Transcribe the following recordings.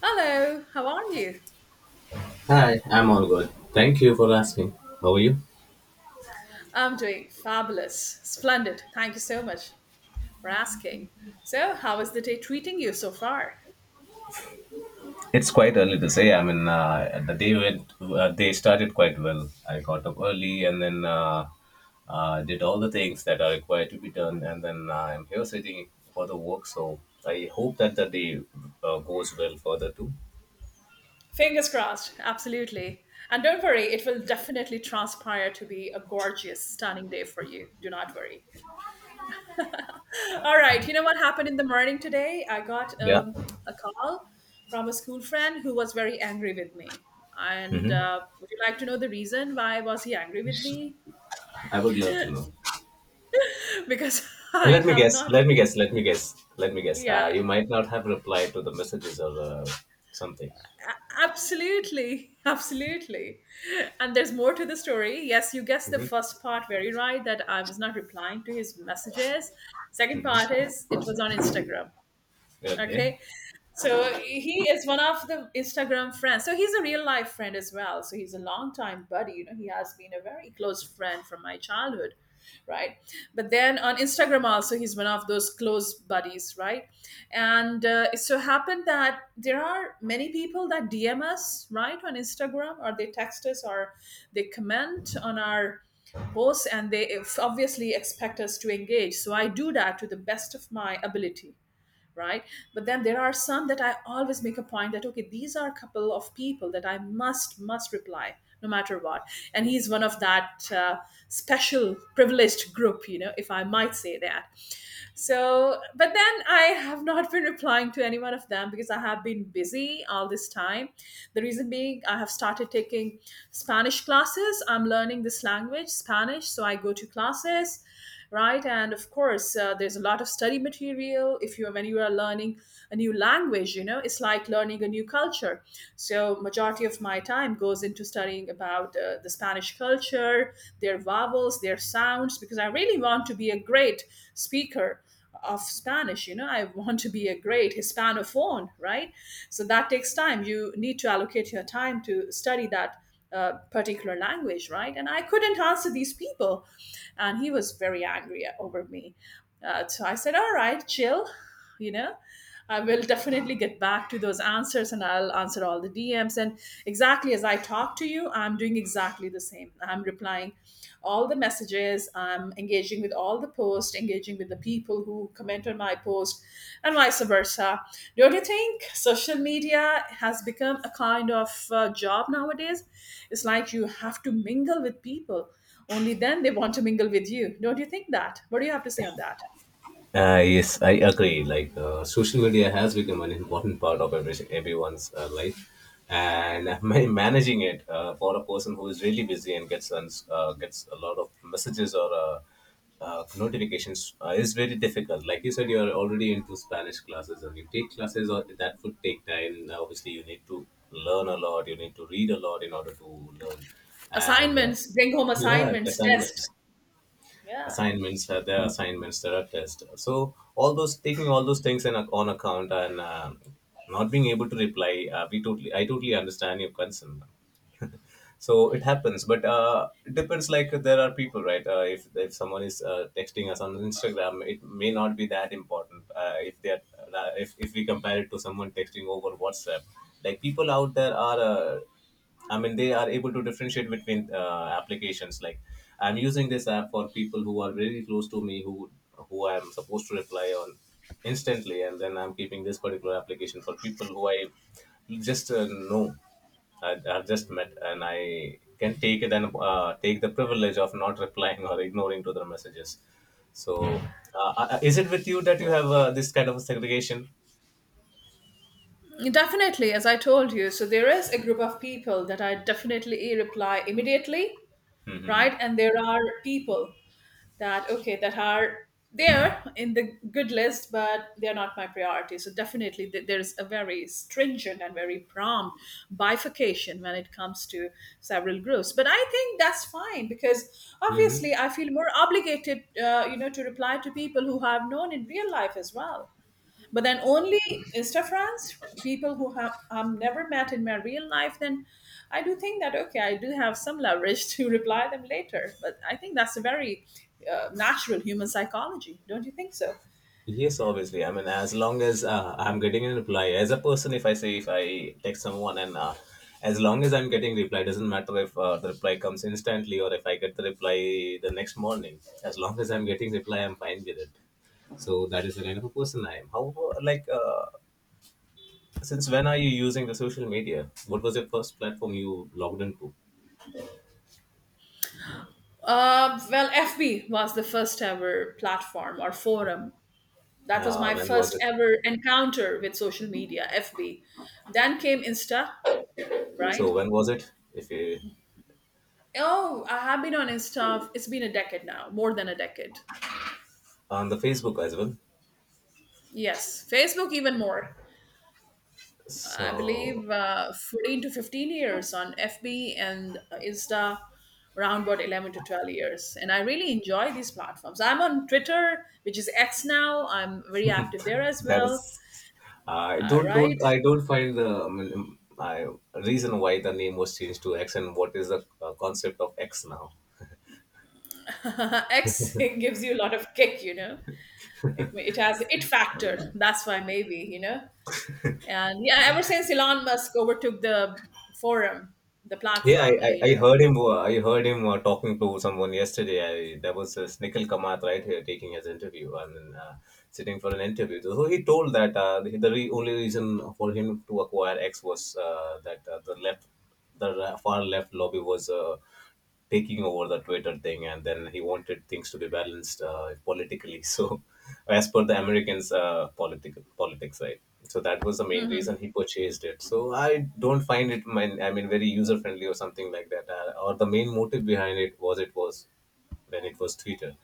Hello, how are you? Hi, I'm all good. Thank you for asking. How are you? I'm doing fabulous, splendid. Thank you so much for asking. So, how is the day treating you so far? It's quite early to say. I mean, the day went, day started quite well. I got up early and then did all the things that are required to be done, and then I'm here sitting for the work. So I hope that the day goes well further too. Fingers crossed, absolutely. And don't worry, it will definitely transpire to be a gorgeous, stunning day for you. Do not worry. All right, you know what happened in the morning today? I got Yeah. A call from a school friend who was very angry with me. And Mm-hmm. Would you like to know the reason why was he angry with me? I would love to know. Because And I let me have guess. not Let me been, guess. Let me guess. Let me guess. Uh, yeah. you might not have replied to the messages or something. Absolutely, absolutely. And there's more to the story. Yes, you guessed the Mm-hmm. first part very right that I was not replying to his messages. Second part Mm-hmm. is it was on Instagram. Okay. Okay. So he is one of the Instagram friends. So he's a real life friend as well. So he's a long time buddy. You know, he has been a very close friend from my childhood, right? But then on Instagram also, he's one of those close buddies, right? And it so happened that there are many people that DM us, right, on Instagram, or they text us, or they comment on our posts, and they obviously expect us to engage. So I do that to the best of my ability, right? But then there are some that I always make a point that okay, these are a couple of people that I must reply, no matter what. And he's one of that special privileged group, you know, if I might say that. So, but then I have not been replying to any one of them because I have been busy all this time. The reason being, I have started taking Spanish classes. I'm learning this language, Spanish, so I go to classes, right? And of course, there's a lot of study material. If you When you are learning a new language, you know, it's like learning a new culture. So majority of my time goes into studying about the Spanish culture, their vowels, their sounds, because I really want to be a great speaker of Spanish. You know, I want to be a great Hispanophone, right? So that takes time. You need to allocate your time to study that particular language, right? And I couldn't answer these people. And he was very angry over me. So I said, all right, chill, you know. I will definitely get back to those answers and I'll answer all the DMs. And exactly as I talk to you, I'm doing exactly the same. I'm replying all the messages, I'm engaging with all the posts, engaging with the people who comment on my post, and vice versa. Don't you think social media has become a kind of job nowadays? It's like you have to mingle with people. Only then they want to mingle with you. Don't you think that? What do you have to say on that? Yes, I agree. Social media has become an important part of everyone's life, and managing it for a person who is really busy and gets gets a lot of messages or notifications is very difficult. Like you said, you are already into Spanish classes, and you take classes or that would take time. Now, obviously, you need to learn a lot. You need to read a lot in order to learn, and Assignments, bring home yeah, assignments, test. Yeah, assignments there are assignments, there are tests. So all those, taking all those things in on account, and not being able to reply, we totally I totally understand your concern. So it happens. But it depends. Like, there are people, right? If someone is texting us on Instagram, it may not be that important, if they are, if we compare it to someone texting over WhatsApp. Like, people out there are, I mean, they are able to differentiate between applications. Like, I'm using this app for people who are very close to me, who I'm supposed to reply on instantly, and then I'm keeping this particular application for people who I just know. I've just met, and I can take it and take the privilege of not replying or ignoring to their messages. So, is it with you that you have this kind of a segregation? definitely. As I told you, so there is a group of people that I definitely reply immediately, Mm-hmm. right? And there are people that, okay, that are there in the good list, but they're not my priority. So definitely there's a very stringent and very prompt bifurcation when it comes to several groups. But I think that's fine because Hmm. obviously I feel more obligated, you know, to reply to people who I have known in real life as well. But then only Insta friends, people who have I'm never met in my real life, then I do think that okay, I do have some leverage to reply them later. But I think that's a very natural human psychology, don't you think so? Yes, obviously. I mean, as long as I'm getting a reply, as a person, if I say if I text someone and as long as I'm getting reply, doesn't matter if the reply comes instantly or if I get the reply the next morning. As long as I'm getting reply, I'm fine with it. So that is the kind of a person I am. However, since when are you using the social media? What was your first platform you logged into? Well, FB was the first ever platform or forum. That was my When was first it? ever encounter with social media, FB. Then came Insta, right? So when was it? If you Oh, I have been on Insta. It's been a decade now, more than a decade. on the Facebook as well. Yes, Facebook even more. I So believe, 14 to 15 years on FB and Insta, around about 11 to 12 years. And I really enjoy these platforms. I'm on Twitter, which is X now. I'm very active there as that well. is, I don't Right? don't I don't find the reason why the name was changed to X and what is the concept of X now. X gives you a lot of kick, you know. It has it factor. That's why maybe, you know. And yeah, ever since Elon Musk overtook the forum, the platform, you I know. heard him. I heard him talking to someone yesterday. There was this Nikhil Kamath right here taking his interview and then, sitting for an interview. So he told that the only reason for him to acquire X was that the left, far left lobby was taking over the Twitter thing, and then he wanted things to be balanced politically. So, as per the Americans' political politics, right? So that was the main reason he purchased it. So I don't find it, I mean, very user friendly or something like that. Or the main motive behind it was, it was when it was Twitter.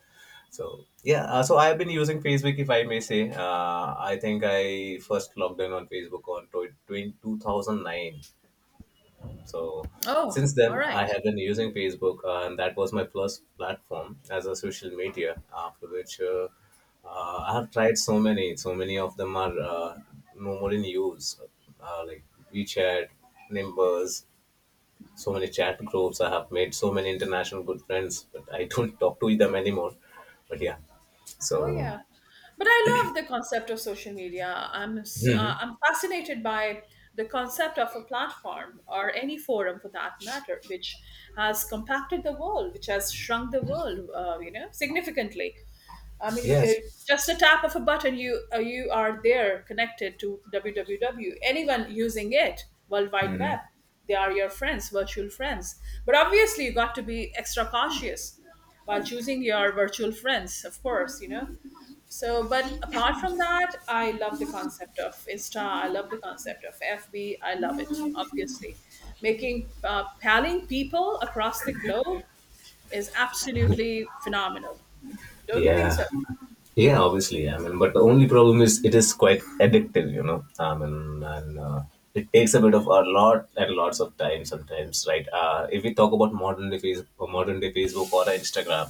So yeah, so I've been using Facebook, if I may say. I think I first logged in on Facebook on 2009, so Oh, since all then, right. I have been using Facebook, and that was my first platform as a social media. After which, I have tried so many. So many of them are no more in use, like WeChat, Nimbus. So many chat groups. I have made so many international good friends, but I don't talk to them anymore. But yeah, Oh so yeah, but I love the concept of social media. Mhm. I'm fascinated by the concept of a platform or any forum for that matter, which has compacted the world, which has shrunk the world, you know, significantly. I mean, Yes, just a tap of a button, you are there connected to www. Anyone using it, World Wide Web, they are your friends, virtual friends. But obviously, you got to be extra cautious while choosing your virtual friends, of course, you know. So, but apart from that, I love the concept of Insta. I love the concept of FB. I love it, obviously. Making, palling people across the globe is absolutely phenomenal. Don't you think so? yeah, yeah, obviously. I mean, but the only problem is it is quite addictive, you know. I mean, and It takes a bit of a lot and lots of time sometimes, right? If we talk about modern day Facebook or Instagram,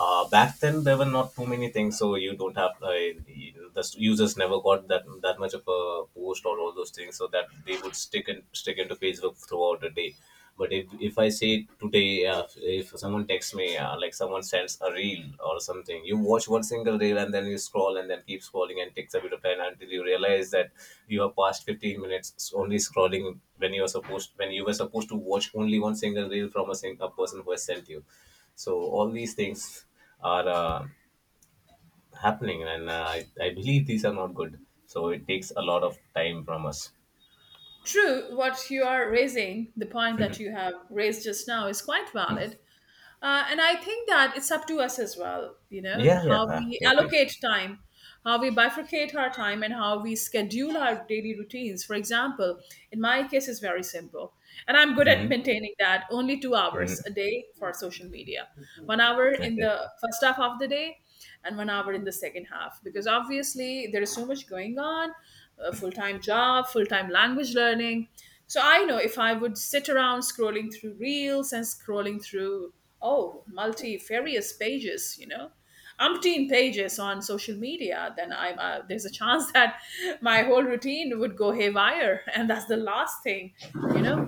back then there were not too many things, so you don't have the users, never got that much of a post or all those things, so that they would stick and stick into Facebook throughout the day. But if I say today, if someone texts me, like someone sends a reel or something, you watch one single reel and then you scroll and then keep scrolling, and takes a bit of time until you realize that you have passed 15 minutes only scrolling when you are supposed when you were supposed to watch only one single reel from a person who has sent you. So all these things are. Happening, and I believe these are not good, so it takes a lot of time from us. True, what you are raising, the point that you have raised just now, is quite valid. And I think that it's up to us as well, you know, Yeah, yeah, how we totally. allocate time, how we bifurcate our time, and how we schedule our daily routines. For example, in my case, it's very simple. And I'm good at Hmm. maintaining that only 2 hours a day for social media, 1 hour in Okay. the first half of the day and 1 hour in the second half, because obviously there is so much going on, a full-time job, full-time language learning. So I know if I would sit around scrolling through reels and scrolling through oh multifarious pages, you know, umpteen pages on social media, then I'm there's a chance that my whole routine would go haywire, and that's the last thing, you know,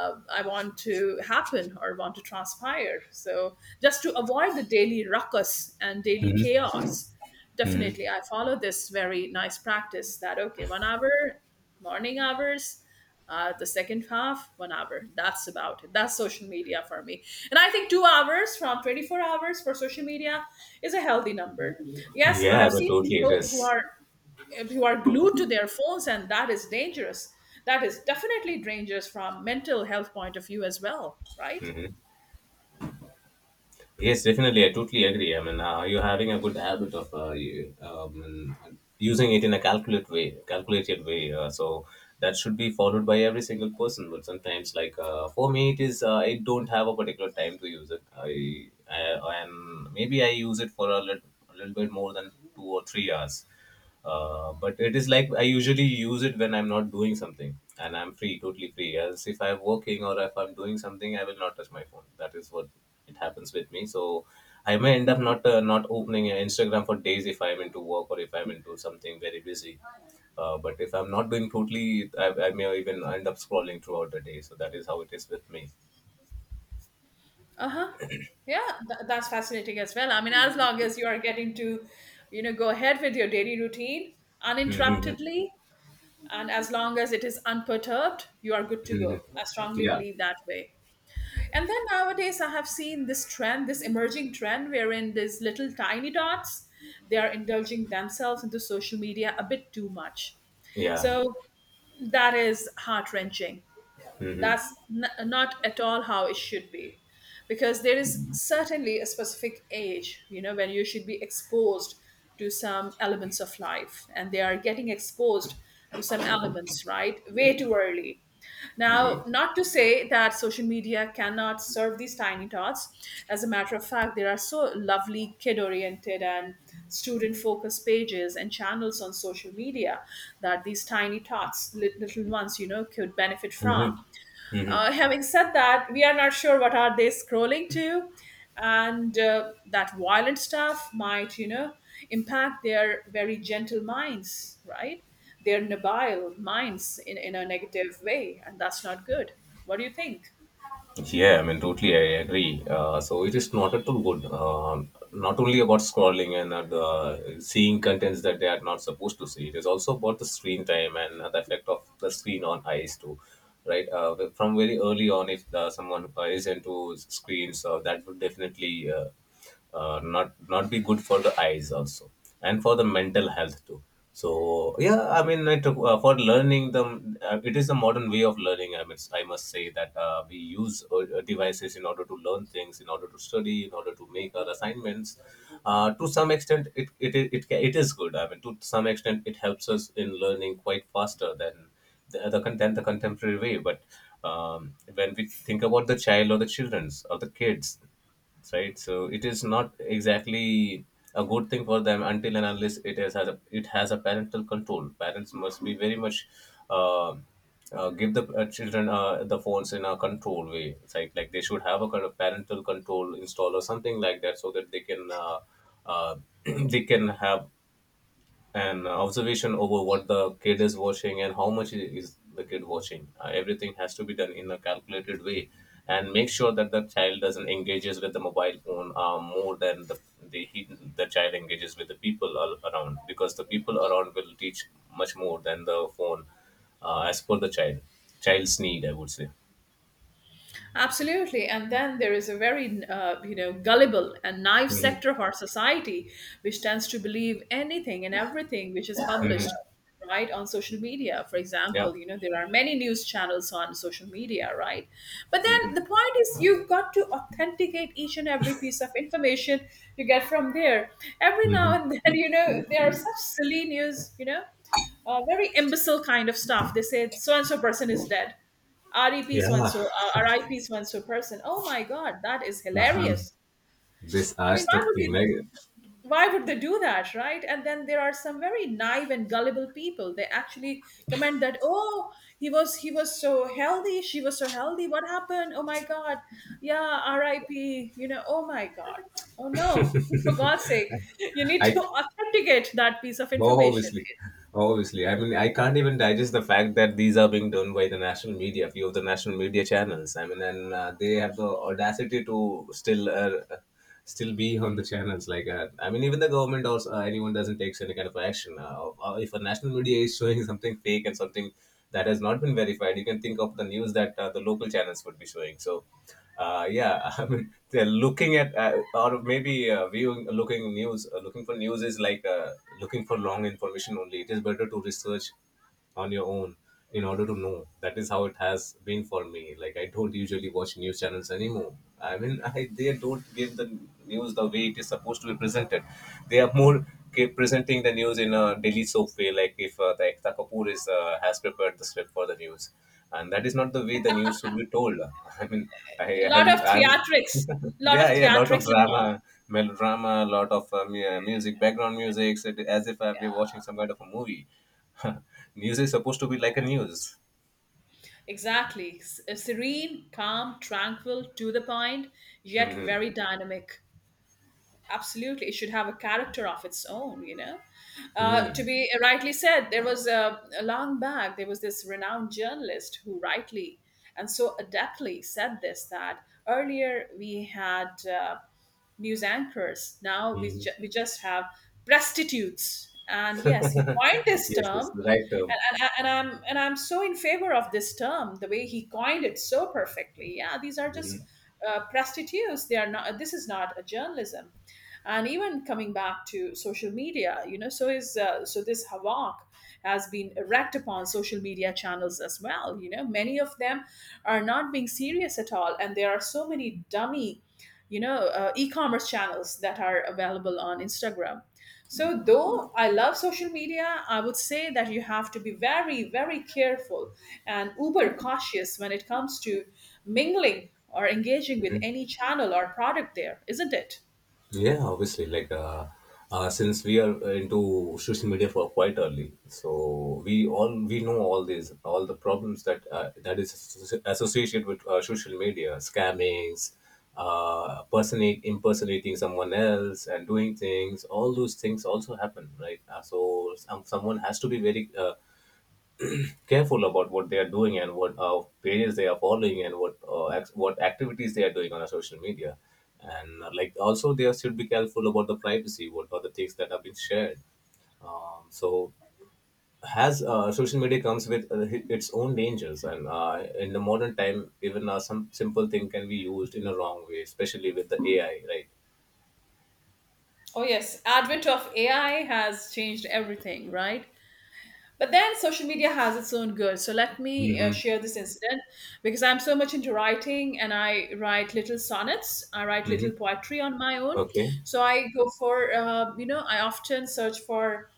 I want to happen or want to transpire. So just to avoid the daily ruckus and daily chaos, Hmm. definitely I follow this very nice practice that okay, 1 hour, morning hours. The second half, 1 hour. That's about it. That's social media for me. And I think 2 hours from 24 hours for social media is a healthy number. Yes, I Yeah, have but seen totally it people who is. are glued to their phones, and that is dangerous. That is definitely dangerous from mental health point of view as well, right? Mhm. Yes, definitely. I totally agree. I mean, you're having a good habit of using it in a calculated way. So that should be followed by every single person. But sometimes, for me, it is I don't have a particular time to use it. I and maybe I use it for a little bit more than 2 or 3 hours. But it is like I usually use it when I'm not doing something and I'm free, totally free. As if I'm working or if I'm doing something, I will not touch my phone. That is what it happens with me. So I may end up not not opening Instagram for days if I'm into work or if I'm into something very busy. But if I'm not doing totally, I may even end up scrolling throughout the day. So that is how it is with me. Uh-huh. Yeah, that's fascinating as well. I mean, as long as you are getting to, you know, go ahead with your daily routine uninterruptedly, and as long as it is unperturbed, you are good to go. I strongly Yeah, believe that way. And then nowadays I have seen this trend, this emerging trend, wherein these little tiny dots, they are indulging themselves into social media a bit too much. yeah. So that is heart wrenching. Hmm. Not at all how it should be, because there is certainly a specific age, you know, when you should be exposed to some elements of life, and they are getting exposed to some elements right way too early. Now, not to say that social media cannot serve these tiny tots. As a matter of fact, there are so lovely kid oriented and student focused pages and channels on social media that these tiny tots little ones, you know, could benefit from. Having said that, we are not sure what are they scrolling to, and that violent stuff might, you know, impact their very gentle minds, right? Their nubile minds in a negative way, and that's not good. What do you think? Yeah, I mean, totally, I agree. So it is not at all good. Not only about scrolling and the seeing contents that they are not supposed to see. It is also about the screen time and the effect of the screen on eyes too, right? But from very early on, if someone is into screens, that would definitely, not be good for the eyes also and for the mental health too. So yeah, I mean it, for learning them, it is a modern way of learning. I must say that we use devices in order to learn things, in order to study, in order to make our assignments. To some extent, it is good. I mean, to some extent, it helps us in learning quite faster than than the contemporary way. But when we think about the child or the children's or the kids, right? So it is not exactly a good thing for them until and unless it has a, it has a parental control. Parents must be very much uh, give the children the phones in a control way. It's like they should have a kind of parental control install or something like that, so that they can, uh, they can have and observation over what the kid is watching and how much is the kid watching. Everything has to be done in a calculated way, and make sure that the child doesn't engages with the mobile phone more than the child engages with the people around, because the people around will teach much more than the phone, as per the child's need, I would say. Absolutely. And then there is a very, you know, gullible and naive Hmm. sector of our society which tends to believe anything and everything which is published right on social media. For Yeah. example, you know, there are many news channels on social media, right? But then the point is you've got to authenticate each and every piece of information you get from there. Every now Hmm. and then, you know, there are such silly news, you know, very imbecile kind of stuff. They say so and so person is dead, REP so and Yeah, so, RIP so and so person. Oh my God, that is uh-huh. hilarious. These I are mean, the why would thing. you? Like Why would they do that, right? And then there are some very naive and gullible people. They actually comment that, "Oh, he was so healthy, she was so healthy. What happened? Oh my God, yeah, R.I.P. You know, oh my God, oh no, for God's sake, you need to I authenticate that piece of Oh, information." obviously, obviously. I mean, I can't even digest the fact that these are being done by the national media, few of the national media channels. I mean, and they have the audacity to still, still be on the channels like that. I mean, even the government also, anyone doesn't take any kind of action. If a national media is showing something fake and something that has not been verified, you can think of the news that the local channels would be showing. I mean, they're looking at or maybe viewing, looking looking for news is like looking for long information only. It is better to research on your own in order to know. That is how it has been for me. Like I don't usually watch news channels anymore. I mean, they don't give the news the way it is supposed to be presented. They are more keep presenting the news in a daily soap way, like if the Ekta Kapoor is has prepared the script for the news, and that is not the way the news should be told. I mean, A I lot of haven't. I'm theatrics, a lot of yeah, yeah, a lot of theatrics involved. drama, melodrama, a lot of yeah, music, background music, so as if I were watching some kind of a movie. News is supposed to be like a news. Exactly. Serene, calm, tranquil, to the point, yet Mhm. very dynamic. Absolutely. It should have a character of its own, you know. To Mhm. be rightly said, there was a long back, there was this renowned journalist who rightly and so adeptly said this, that earlier we had news anchors, now Mhm. We just have prostitutes. And yes, he coined this Yes, yes, term the right term. and I'm so in favor of this term, the way he coined it so perfectly. Yeah, these are just prostitutes. They are not. This is not a journalism. And even coming back to social media, you know, so is so this havoc has been wreaked upon social media channels as well. You know, many of them are not being serious at all, and there are so many dummy e-commerce channels that are available on Instagram. So, though I love social media, I would say that you have to be very, very careful and uber cautious when it comes to mingling or engaging with Mhm. any channel or product, there, isn't it? Yeah, obviously. Since we are into social media for quite early, so we know all the problems that that is associated with social media, scammings, personate impersonating someone else and doing things. All those things also happen, right? So someone has to be very careful about what they are doing and what pages they are following and what what activities they are doing on a social media and like also they should be careful about the privacy, what are the things that have been shared. So has Social media comes with its own dangers and in the modern time, even some simple thing can be used in a wrong way, especially with the AI, right? Oh, yes. Advent of AI has changed everything, right? But then social media has its own good. So let me Mm-hmm. share this incident, because I'm so much into writing and I write little sonnets. I write little Mm-hmm. poetry on my own. Okay. So I go for, you know, I often search for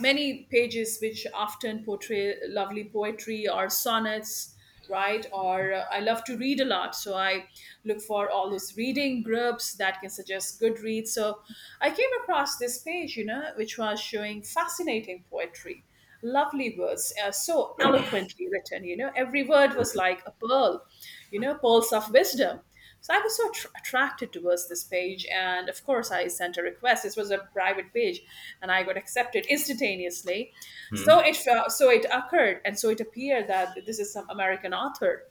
many pages which often portray lovely poetry or sonnets, right. Or I love to read a lot, so I look for all those reading groups that can suggest good reads. So I came across this page, you know, which was showing fascinating poetry, lovely words, so eloquently written, you know, every word was like a pearl, you know, pearls of wisdom. So I was so attracted towards this page, and of course, I sent a request. This was a private page, and I got accepted instantaneously. Mm-hmm. So it occurred, and so it appeared that this is some American author,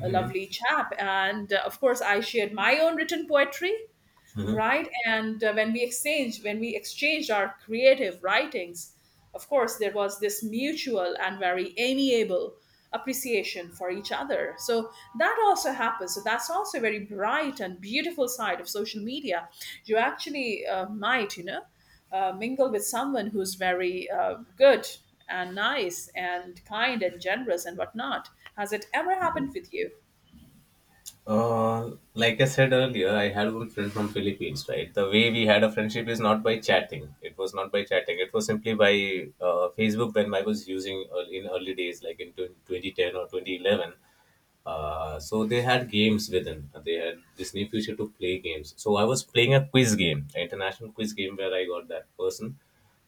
a Mm-hmm. lovely chap, and of course, I shared my own written poetry, right. And when we exchanged our creative writings, of course there was this mutual and very amiable appreciation for each other. So that also happens, so that's also a very bright and beautiful side of social media. You actually might, you know, mingle with someone who's very good and nice and kind and generous and whatnot. Has it ever happened Mm-hmm. with you? Like I said earlier, I had one friend from Philippines, right? The way we had a friendship is not by chatting. It was not by chatting. It was simply by Facebook, when I was using in early days, like in 2010 or 2011. So they had games within. They had Disney future to play games. So I was playing a quiz game, an international quiz game, where I got that person,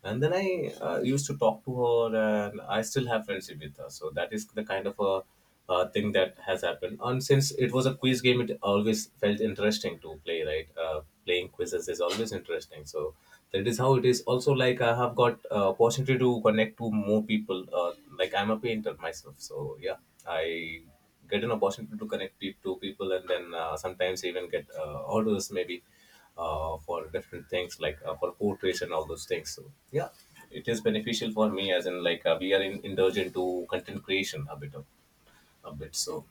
and then I used to talk to her, and I still have friendship with her. So that is the kind of a thing that has happened. And since it was a quiz game, it always felt interesting to play. Right, playing quizzes is always interesting. So that is how it is. Also, like I have got opportunity to connect to more people. Like I'm a painter myself, so yeah, I get an opportunity to connect to people, and then sometimes even get orders maybe for different things, like for portraits and all those things. So yeah, it is beneficial for me, as in like we are indulged into content creation, a bit. So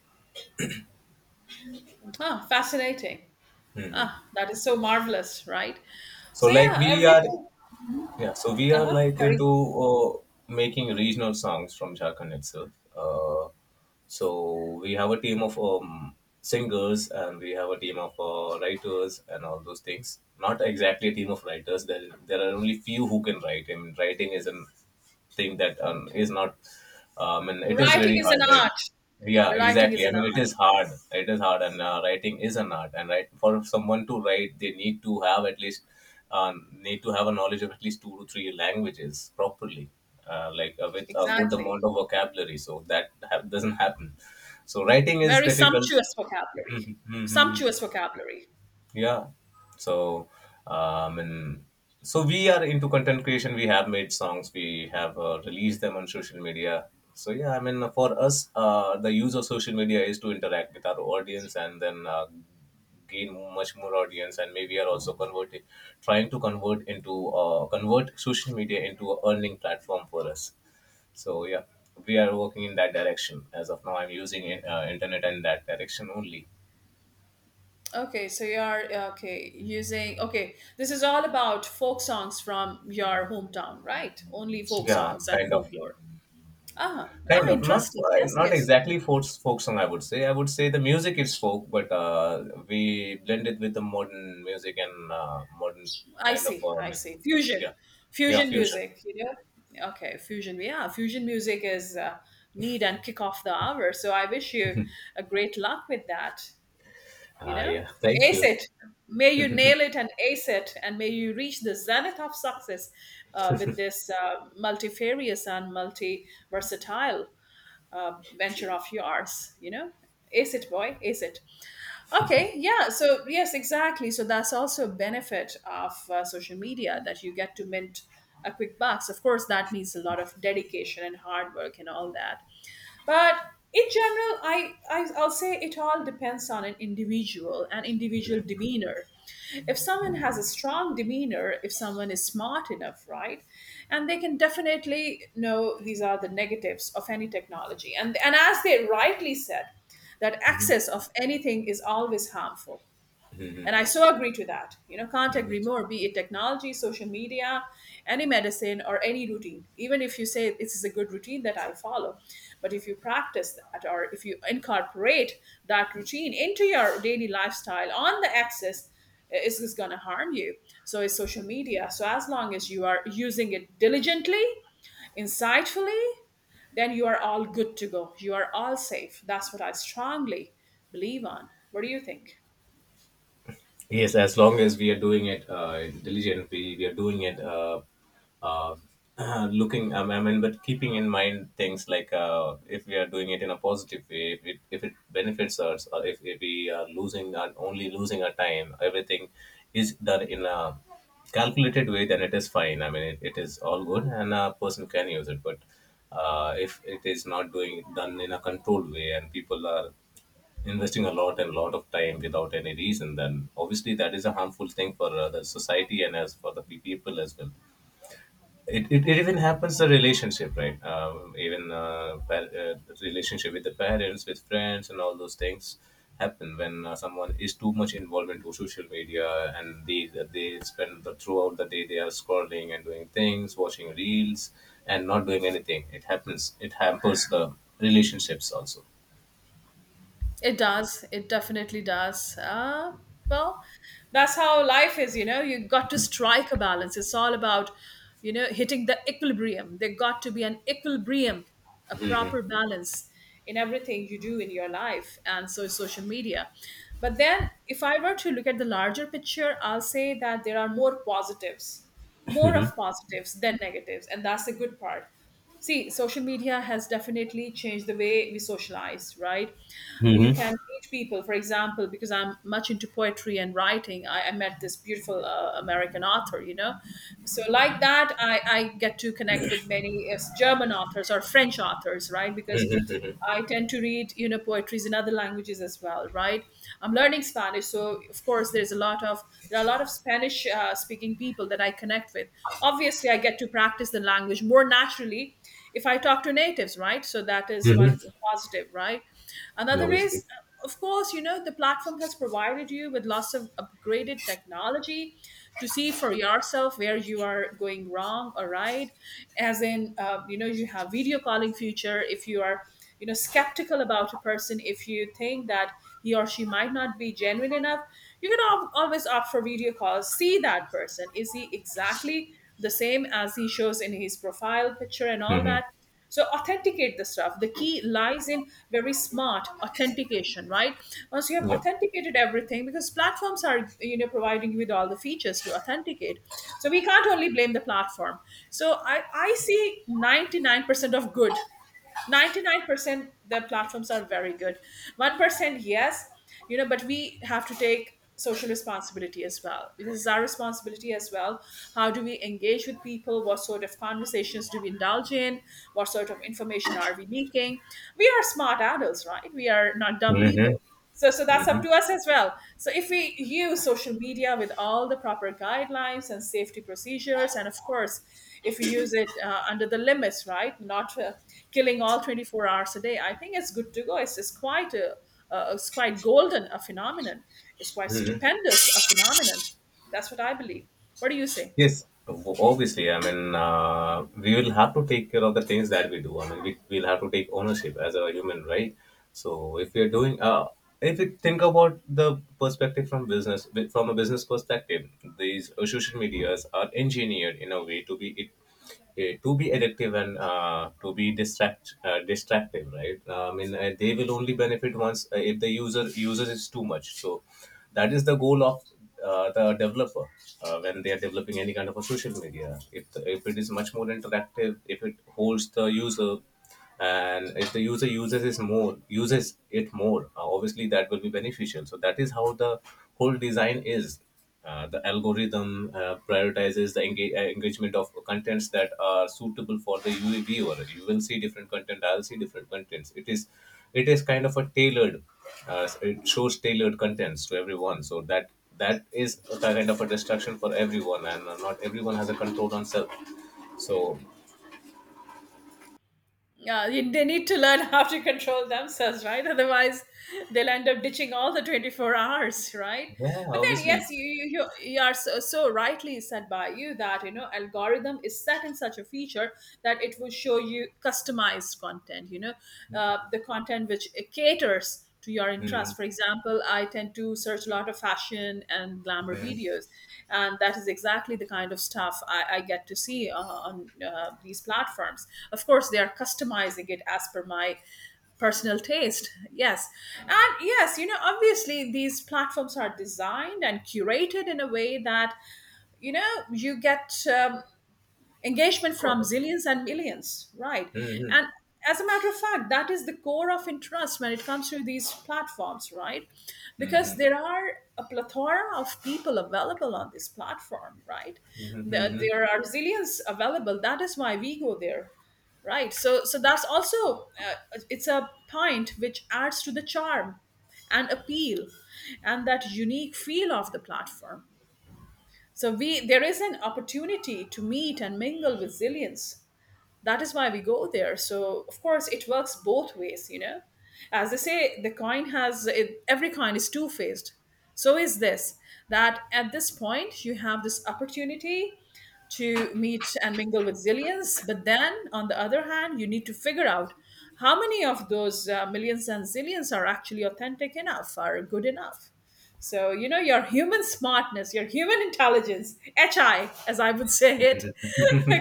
Ah, fascinating. Ah, that is so marvelous, right? so So like yeah, we are. everything. Mm-hmm. Yeah, so we are Uh-huh. like Carry- into making regional songs from Jharkhand itself. Uh, so we have a team of singers, and we have a team of writers and all those things. Not exactly a team of writers. There are only few who can write. I mean, writing is an thing that is not, I mean, it is Writing very is an hard, right? art. Yeah, Writing is exactly, I an mean, it art. is hard. It is hard, and writing is an art, and right, for someone to write, they need to have at least uh, need to have a knowledge of at least two to three languages properly, like with a good Exactly. amount of vocabulary, so that doesn't happen. So writing is Very difficult. sumptuous vocabulary. Sumptuous vocabulary. Yeah. So, and so we are into content creation. We have made songs. We have released them on social media. So yeah, I mean, for us, the use of social media is to interact with our audience and then gain much more audience. And maybe are also converting, trying to convert into convert social media into a earning platform for us. So yeah, we are working in that direction. As of now, I'm using it, internet in that direction only. Okay, so you are okay using okay. This is all about folk songs from your hometown, right? Only folk Yeah, songs and kind of. folklore. Ah, ah, Kind of not interesting. Yes, not yes. exactly folk folk song. I would say the music is folk, but we blend it with the modern music and modern I kind of see. I music. see. Fusion, Yeah, yeah, fusion fusion. music. You know. Okay, fusion. Yeah, fusion music is need and kick off the hour. So I wish you a great luck with that. You Ah, know, yeah. Thank ace you. it. May you nail it and ace it, and may you reach the zenith of success with this multifarious and multi versatile venture of yours. You know, ace it, boy. Ace it. Okay, yeah. So, yes, exactly. So, that's also a benefit of social media, that you get to mint a quick bucks. Of course, that needs a lot of dedication and hard work and all that, but in general I'll say it all depends on an individual and individual demeanor. If someone has a strong demeanor, if someone is smart enough, right, and they can definitely know these are the negatives of any technology, and as they rightly said, that Hmm. access of anything is always harmful, and I Hmm. so agree to that. You know, can't Hmm. agree more, be it technology, social media, any medicine, or any routine. Even if you say this is a good routine that I follow, but if you practice that, or if you incorporate that routine into your daily lifestyle on the axis, is going to harm you. So is social media. So as long as you are using it diligently, insightfully, then you are all good to go. You are all safe. That's what I strongly believe on. What do you think? Yes, as long as we are doing it intelligent, we are doing it uh, looking, I mean, but keeping in mind things like if we are doing it in a positive way, if it benefits us, or if we are only losing our time, everything is done in a calculated way, then it is fine. I mean, it is all good and a person can use it. But if it is not doing done in a controlled way, and people are investing a lot and lot of time without any reason, then obviously that is a harmful thing for the society and as for the people as well. It even happens the relationship, right? Even relationship with the parents, with friends, and all those things happen when someone is too much involved into social media, and they spend the throughout the day they are scrolling and doing things, watching reels, and not doing anything. It happens. It hampers the relationships also. It does. It definitely does. Well, that's how life is, you know. You got to strike a balance. It's all about, you know, hitting the equilibrium. There got to be an equilibrium, a proper balance in everything you do in your life, and so is social media. But then, if I were to look at the larger picture, I'll say that there are more positives, more of positives than negatives, and that's the good part. See, social media has definitely changed the way we socialize, right? You can meet people, for example, because I'm much into poetry and writing, I met this beautiful American author, you know? So, like that, I get to connect with many German authors or French authors, right? Because I tend to read, you know, poetries in other languages as well, right? I'm learning Spanish, so of course there are a lot of Spanish speaking people that I connect with. Obviously, I get to practice the language more naturally if I talk to natives, right? So that is one Hmm. positive, right? Another is, Obviously. of course, you know, the platform has provided you with lots of upgraded technology to see for yourself where you are going wrong or right. As in, you know, you have video calling feature. If you are, you know, skeptical about a person, if you think that he or she might not be genuine enough, you can always opt for video calls, see that person, is he exactly the same as he shows in his profile picture and all that. So authenticate the stuff, the key lies in very smart authentication, right? Once you have Yeah. authenticated everything, because platforms are, you know, providing you with all the features to authenticate, so we can't only blame the platform. So I see 99% of good. 99%, the platforms are very good. 1%, yes, you know, but we have to take social responsibility as well. This is our responsibility as well. How do we engage with people, what sort of conversations do we indulge in, what sort of information are we leaking? We are smart adults, right? We are not dumb people. Mm-hmm. So, so that's up Mm-hmm. to us as well. So if we use social media with all the proper guidelines and safety procedures, and of course, if we use it under the limits, right, not killing all 24 hours a day, I think it's good to go. It's quite a it's quite golden a phenomenon, it's quite Mm-hmm. stupendous a phenomenon. That's what I believe. What do you say? Yes, obviously. I mean, we will have to take care of the things that we do. I mean, we'll have to take ownership as a human, right? So, if you're doing, if you think about the perspective from business, from a business perspective, these social medias are engineered in a way to to be addictive and to be distract distractive, right? I mean, they will only benefit once if the user uses it too much. So that is the goal of the developer when they are developing any kind of a social media. If, the, if it is much more interactive, if it holds the user, and if the user uses it more, uses obviously that will be beneficial. So that is how the whole design is. The algorithm prioritizes the engagement of contents that are suitable for the UA viewer. You will see different content. I'll see different contents. It is kind of a tailored. It shows tailored contents to everyone. So that is a kind of a distraction for everyone, and not everyone has a control on self. So Yeah, they need to learn how to control themselves, right? Otherwise, they'll end up ditching all the 24 hours, right? yeah, But then, obviously, yes, you are so, so rightly said by you, that, you know, algorithm is set in such a feature that it will show you customized content, you know, the content which caters to your mm-hmm. interest. For example, I tend to search a lot of fashion and glamour videos, and that is exactly the kind of stuff I get to see on these platforms. Of course, they are customizing it as per my personal taste, yes, and yes, you know, obviously these platforms are designed and curated in a way that, you know, you get engagement from zillions and millions, right? And as a matter of fact, that is the core of interest when it comes to these platforms, right? Because there are a plethora of people available on this platform, right? There are zillions available, that is why we go there, right. So, so that's also it's a point which adds to the charm and appeal and that unique feel of the platform. So we, there is an opportunity to meet and mingle with zillions. That is why we go there. So of course it works both ways, you know. As they say, the coin has it, every coin is two faced. So is this, that at this point you have this opportunity to meet and mingle with zillions, but then on the other hand you need to figure out how many of those millions and zillions are actually authentic enough, are good enough. So, you know, your human smartness, your human intelligence, HI, as I would say it,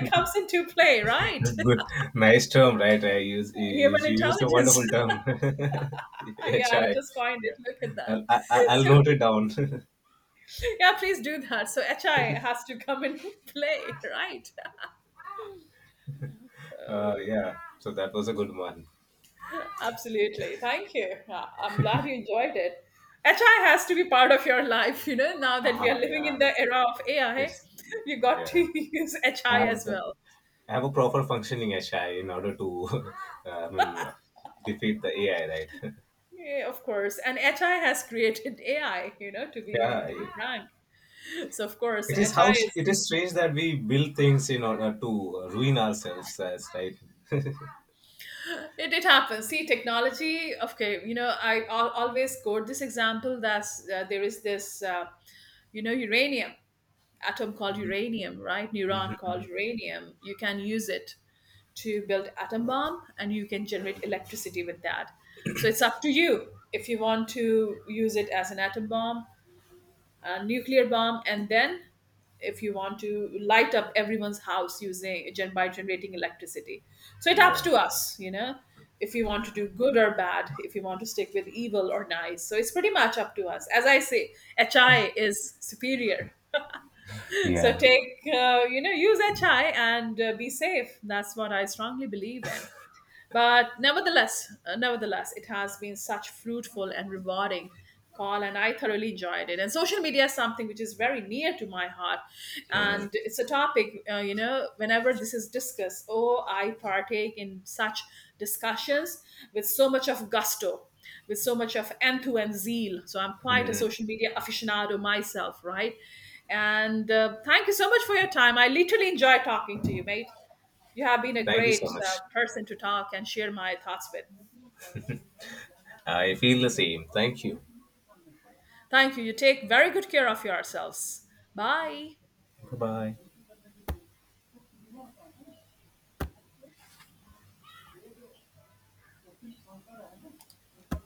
comes into play, right? Good, nice term, right? I use Human is you used a intelligence. wonderful term. Yeah, I've HI, just coined it. yeah. Look at that. I'll So, note it down. yeah, please do that. So, HI has to come into play, right? Uh, Yeah. So that was a good one. Absolutely. Thank you. Yeah, I'm glad you enjoyed it. HI has to be part of your life, you know, now that we are Ah, living in yeah. the era of AI, It's you got to yeah. use HI as Have the well. have a proper functioning HI in order to, I mean, defeat the AI, right? Yeah, of course. And HI has created AI, you know, Yeah, to be I- frank. So of course, it is how HI it is is strange that we build things in order to ruin ourselves, as right. It happens. See, technology. Okay, you know, I always quote this example that uh, there is this, uh, you know, uranium, atom called uranium, right? Neuron called uranium. You can use it to build atom bomb, and you can generate electricity with that. So it's up to you if you want to use it as an atom bomb, a nuclear bomb, and then if you want to light up everyone's house using generating electricity. So it ups Yeah. to us, you know, if you want to do good or bad, if you want to stick with evil or nice. So it's pretty much up to us. As I say, HI is superior. So Yeah. take, you know, use HI and be safe. That's what I strongly believe in. But nevertheless, nevertheless, it has been such fruitful and rewarding call, and I thoroughly enjoyed it. And social media is something which is very near to my heart, and it's a topic, you know, whenever this is discussed, oh, I partake in such discussions with so much of gusto. With so much of enthu and zeal. So, I'm quite a social media aficionado myself, right? And thank you so much for your time. I literally enjoy talking to you, mate. You have been a Thank you great so much. person to talk and share my thoughts with. I feel the same. Thank you. Thank you. You take very good care of yourselves. Bye. Bye bye.